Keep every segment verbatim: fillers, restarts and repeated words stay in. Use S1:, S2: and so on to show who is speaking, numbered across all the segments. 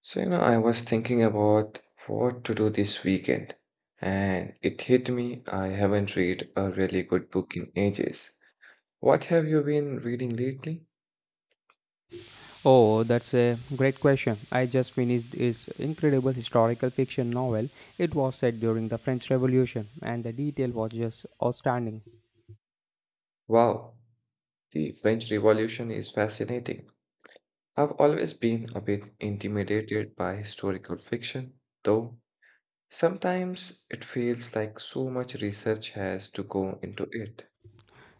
S1: So, you know, I was thinking about what to do this weekend, and it hit me I haven't read a really good book in ages. What have you been reading lately?
S2: Oh, that's a great question. I just finished this incredible historical fiction novel. It was set during the French Revolution, and the detail was just outstanding.
S1: Wow, the French Revolution is fascinating. I've always been a bit intimidated by historical fiction, though sometimes it feels like so much research has to go into it.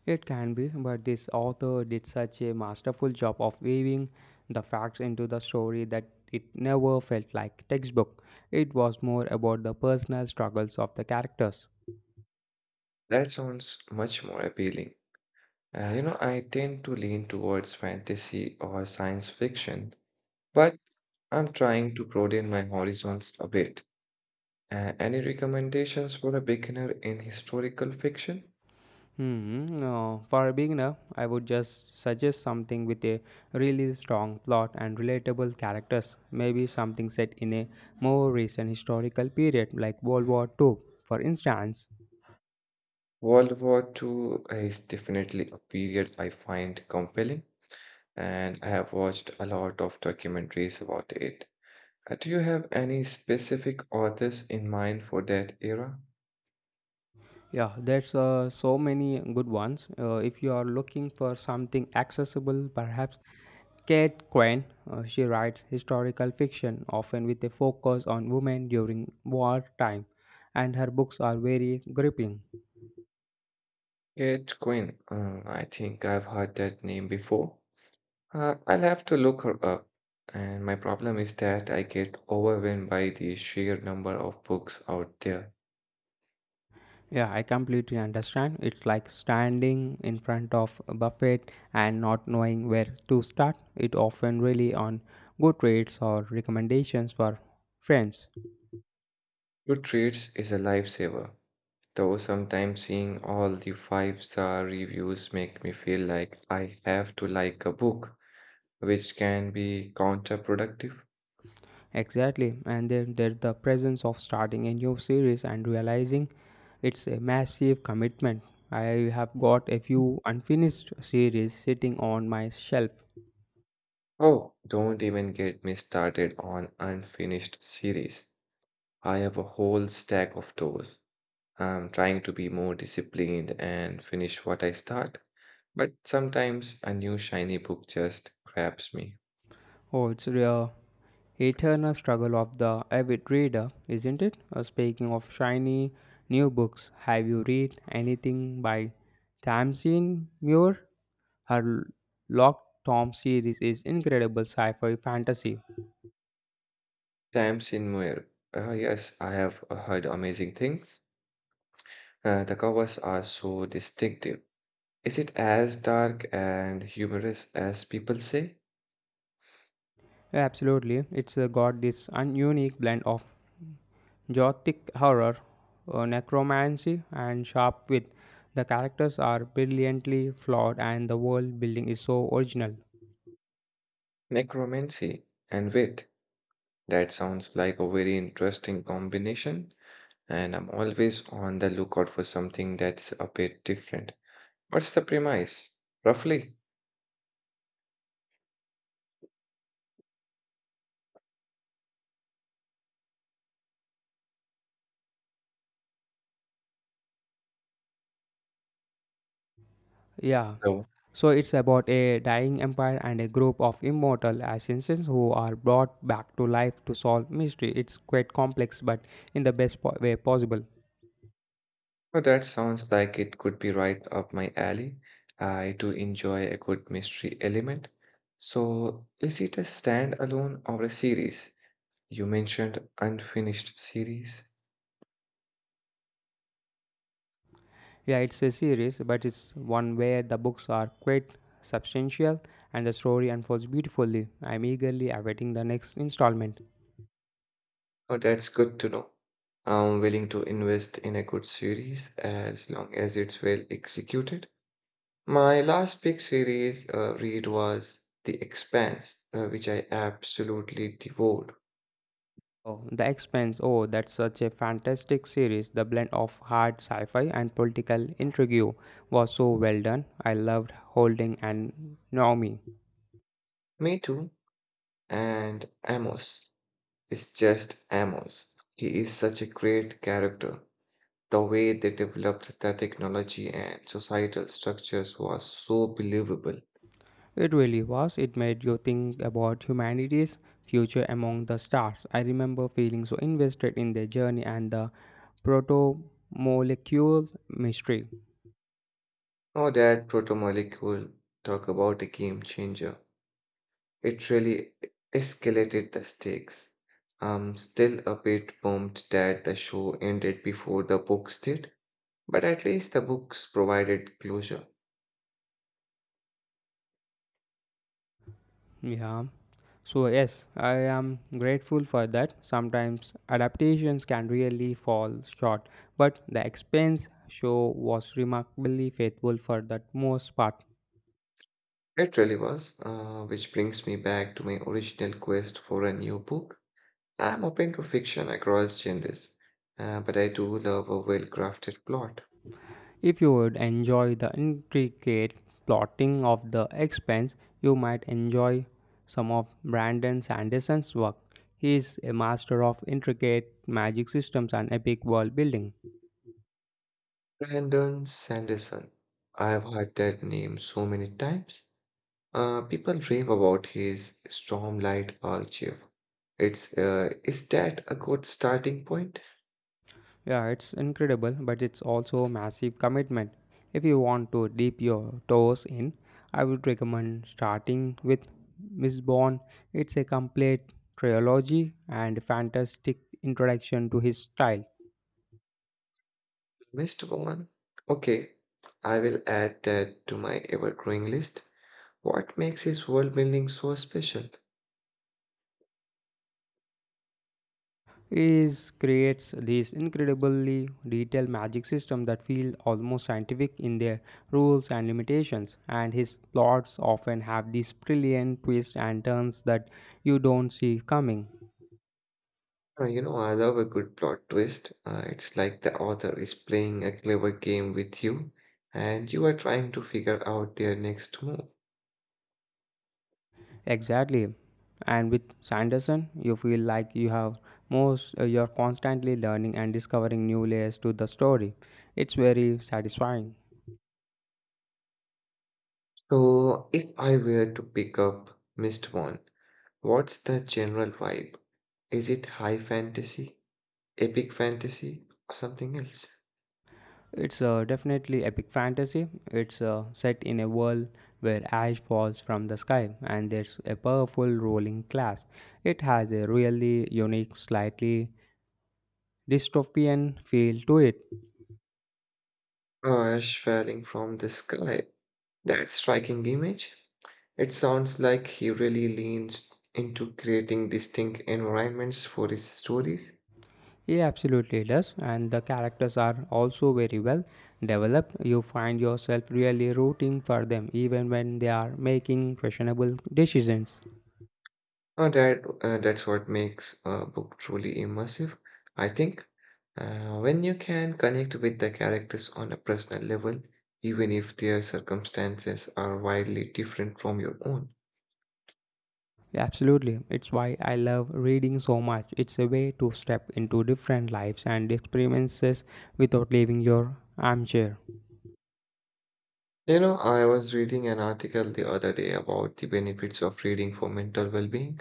S2: It can be, but this author did such a masterful job of weaving the facts into the story that it never felt like textbook. It was more about the personal struggles of the characters.
S1: That sounds much more appealing. Uh, you know, I tend to lean towards fantasy or science fiction, but I'm trying to broaden my horizons a bit. Uh, any recommendations for a beginner in historical fiction?
S2: Hmm. No, for a beginner, I would just suggest something with a really strong plot and relatable characters. Maybe something set in a more recent historical period, like World War Two, for instance.
S1: World War two is definitely a period I find compelling, and I have watched a lot of documentaries about it. Uh, Do you have any specific authors in mind for that era?
S2: Yeah, there's uh, so many good ones. Uh, if you are looking for something accessible, perhaps Kate Quinn. Uh, she writes historical fiction, often with a focus on women during wartime, and her books are very gripping.
S1: Kate Quinn. Uh, I think I've heard that name before. Uh, I'll have to look her up. And my problem is that I get overwhelmed by the sheer number of books out there.
S2: Yeah, I completely understand. It's like standing in front of a buffet and not knowing where to start. It often really on good rates or recommendations for friends.
S1: Goodreads is a lifesaver. Though sometimes seeing all the five star reviews make me feel like I have to like a book, which can be counterproductive.
S2: Exactly. And then there's the presence of starting a new series and realizing it's a massive commitment. I have got a few unfinished series sitting on my shelf.
S1: Oh, don't even get me started on unfinished series. I have a whole stack of those. I'm trying to be more disciplined and finish what I start, but sometimes a new shiny book just grabs me.
S2: Oh, it's the eternal struggle of the avid reader, isn't it? Uh, speaking of shiny new books, have you read anything by Tamsin Muir? Her Lock Tom series is incredible sci-fi fantasy.
S1: Times in Muir. Uh, yes, I have heard amazing things. Uh, the covers are so distinctive. Is it as dark and humorous as people say?
S2: Absolutely, it's uh, got this un- unique blend of gothic horror, uh, necromancy, and sharp wit. The characters are brilliantly flawed, and the world building is so original.
S1: Necromancy and wit. That sounds like a very interesting combination, and I'm always on the lookout for something that's a bit different. What's the premise, roughly?
S2: Yeah.
S1: So,
S2: So it's about a dying empire and a group of immortal assassins who are brought back to life to solve mystery. It's quite complex, but in the best po- way possible.
S1: well, that sounds like it could be right up my alley. I do enjoy a good mystery element. So, is it a standalone or a series? You mentioned unfinished series.
S2: Yeah, it's a series, but it's one where the books are quite substantial and the story unfolds beautifully. I'm eagerly awaiting the next installment.
S1: Oh, that's good to know. I'm willing to invest in a good series as long as it's well executed. My last big series uh, read was The Expanse, uh, which I absolutely devoured.
S2: Oh, The Expanse. Oh, that's such a fantastic series. The blend of hard sci-fi and political intrigue was so well done. I loved Holding and Naomi.
S1: Me too. And Amos is just Amos. He is such a great character. The way they developed the technology and societal structures was so believable.
S2: It really was. It made you think about humanity's future among the stars. I remember feeling so invested in their journey and the protomolecule mystery.
S1: Oh, that proto molecule talk about a game changer. It really escalated the stakes. I'm still a bit bummed that the show ended before the books did, but at least the books provided closure.
S2: Yeah. So, yes, I am grateful for that. Sometimes adaptations can really fall short, but the expense show was remarkably faithful for the most part.
S1: It really was, uh, which brings me back to my original quest for a new book. I'm open to fiction across genres, uh, but I do love a well crafted plot.
S2: If you would enjoy the intricate plotting of the Expanse, you might enjoy some of Brandon Sanderson's work. He is a master of intricate magic systems and epic world building.
S1: Brandon Sanderson. I've heard that name so many times. Uh, people rave about his Stormlight Archive. It's uh, Is that a good starting point,
S2: Yeah, it's incredible, but it's also a massive commitment. If you want to dip your toes in, I would recommend starting with Miss. It's a complete trilogy and fantastic introduction to his style.
S1: mister Roman? Okay, I will add that to my ever-growing list. What makes his world building so special?
S2: Is creates this incredibly detailed magic system that feel almost scientific in their rules and limitations, and his plots often have these brilliant twists and turns that you don't see coming.
S1: Uh, you know, I love a good plot twist. Uh, it's like the author is playing a clever game with you, and you are trying to figure out their next move.
S2: Exactly, and with Sanderson you feel like you have most uh, you're constantly learning and discovering new layers to the story. It's very satisfying.
S1: So, if I were to pick up Mister One, what's the general vibe? Is it high fantasy, epic fantasy, or something else?
S2: It's uh, definitely epic fantasy. It's uh, set in a world where ash falls from the sky and there's a powerful rolling glass. It has a really unique, slightly dystopian feel to it.
S1: Ash falling from the sky. That striking image. It sounds like he really leans into creating distinct environments for his stories.
S2: Yeah, absolutely does. And the characters are also very well developed. You find yourself really rooting for them even when they are making questionable decisions.
S1: Uh, that uh, that's what makes a book truly immersive, I think. Uh, when you can connect with the characters on a personal level, even if their circumstances are widely different from your own.
S2: Yeah, absolutely. It's why I love reading so much. It's a way to step into different lives and experiences without leaving your armchair.
S1: You know, I was reading an article the other day about the benefits of reading for mental well-being.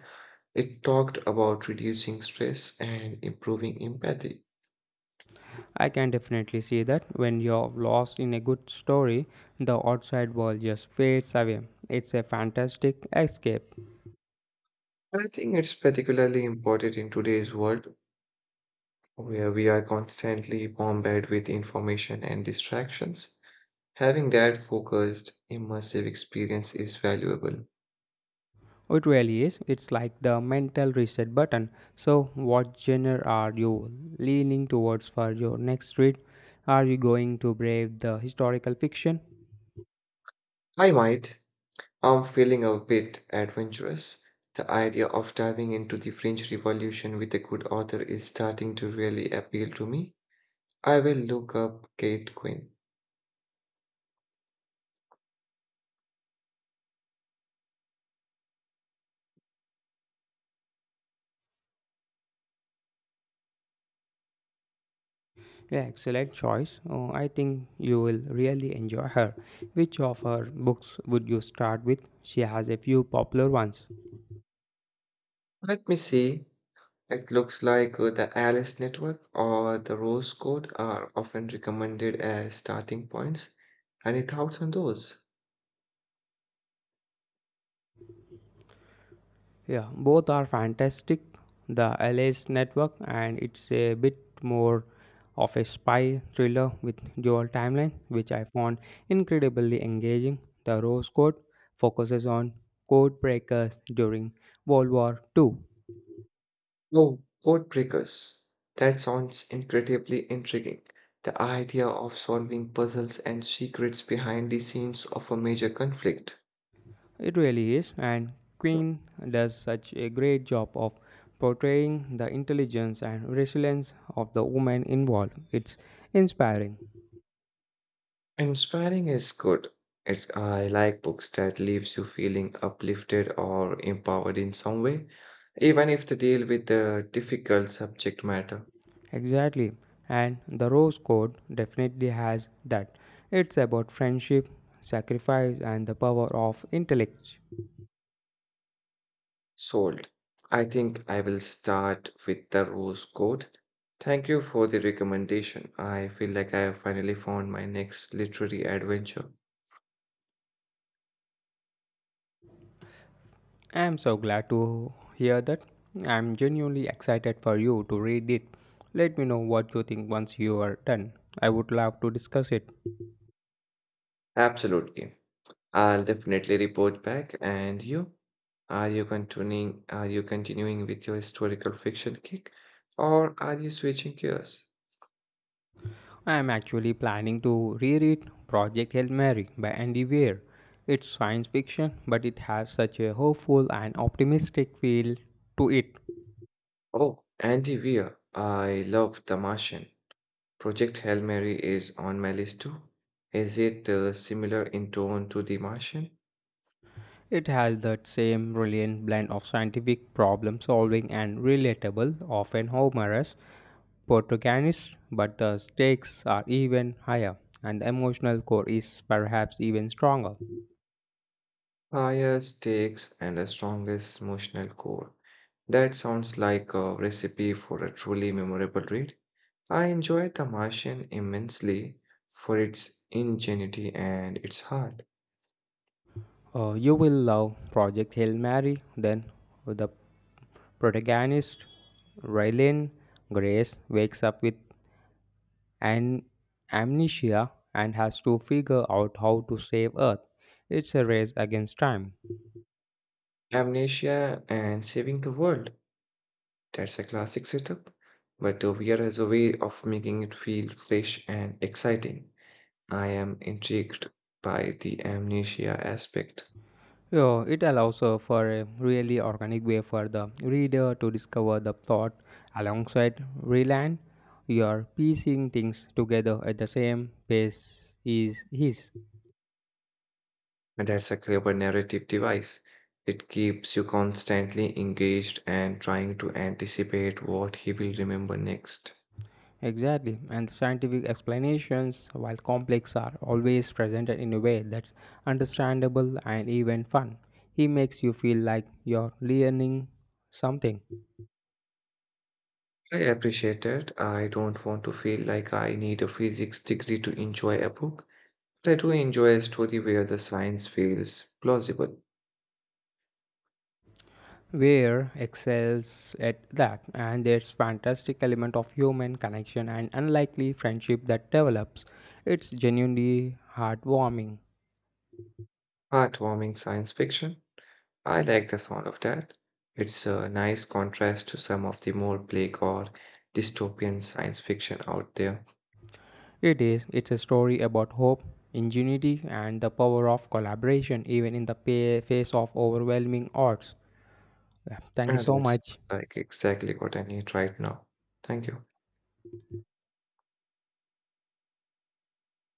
S1: It talked about reducing stress and improving empathy.
S2: I can definitely see that when you're lost in a good story, the outside world just fades away. It's a fantastic escape.
S1: And I think it's particularly important in today's world where we are constantly bombarded with information and distractions. Having that focused, immersive experience is valuable.
S2: It really is. It's like the mental reset button. So, what genre are you leaning towards for your next read? Are you going to brave the historical fiction?
S1: I might. I'm feeling a bit adventurous. The idea of diving into the French Revolution with a good author is starting to really appeal to me. I will look up Kate Quinn.
S2: Yeah, excellent choice. Oh, I think you will really enjoy her. Which of her books would you start with? She has a few popular ones.
S1: Let me see. It looks like uh, the Alice Network or the Rose Code are often recommended as starting points. Any thoughts on those?
S2: Yeah, both are fantastic. The L S Network, and it's a bit more of a spy thriller with dual timeline, which I found incredibly engaging. The Rose Code focuses on code breakers during World War Two.
S1: Oh, code breakers. That sounds incredibly intriguing. The idea of solving puzzles and secrets behind the scenes of a major conflict.
S2: It really is, and Queen does such a great job of portraying the intelligence and resilience of the women involved. It's inspiring.
S1: Inspiring is good. It, I like books that leaves you feeling uplifted or empowered in some way, even if they deal with a difficult subject matter.
S2: Exactly, and the Rose Code definitely has that. It's about friendship, sacrifice, and the power of intellect.
S1: Sold. I think I will start with the rose code. Thank you for the recommendation. I feel like I have finally found my next literary adventure.
S2: I'm so glad to hear that. I'm genuinely excited for you to read it. Let me know what you think once you are done. I would love to discuss it.
S1: Absolutely. I'll definitely report back. And you? Are you continuing are you continuing with your historical fiction kick, or are you switching gears?
S2: I am actually planning to reread Project Hail Mary by Andy Weir. It's science fiction, but it has such a hopeful and optimistic feel to it.
S1: Oh, Andy Weir. I love The Martian. Project Hail Mary is on my list too. Is it uh, similar in tone to The Martian?
S2: It has that same brilliant blend of scientific problem solving and relatable, often humorous protagonist, but the stakes are even higher and the emotional core is perhaps even stronger.
S1: Fire, stakes, and a strongest emotional core. That sounds like a recipe for a truly memorable read. I enjoyed The Martian immensely for its ingenuity and its heart.
S2: Uh, you will love Project Hail Mary, then the Protagonist Rylan Grace wakes up with an amnesia and has to figure out how to save Earth. It's a race against time.
S1: Amnesia and Saving the World. That's a classic setup, but the V R has a way of making it feel fresh and exciting. I am intrigued by the amnesia aspect.
S2: So it allows uh, for a really organic way for the reader to discover the plot alongside Rylan. You're piecing things together at the same pace is his.
S1: And that's a clever narrative device. It keeps you constantly engaged and trying to anticipate what he will remember next.
S2: Exactly, and the scientific explanations, while complex, are always presented in a way that's understandable and even fun. He makes you feel like you're learning something.
S1: I appreciate that. I don't want to feel like I need a physics degree to enjoy a book, but I do enjoy a story where the science feels plausible.
S2: Where excels at that, and there's fantastic element of human connection and unlikely friendship that develops. It's genuinely heartwarming.
S1: Heartwarming science fiction. I like the sound of that. It's a nice contrast to some of the more bleak or dystopian science fiction out there.
S2: It is. It's a story about hope, ingenuity, and the power of collaboration, even in the pa- face of overwhelming odds. Yeah, thank you
S1: Yeah,
S2: so
S1: that's
S2: much.
S1: like exactly what I need right now. Thank you.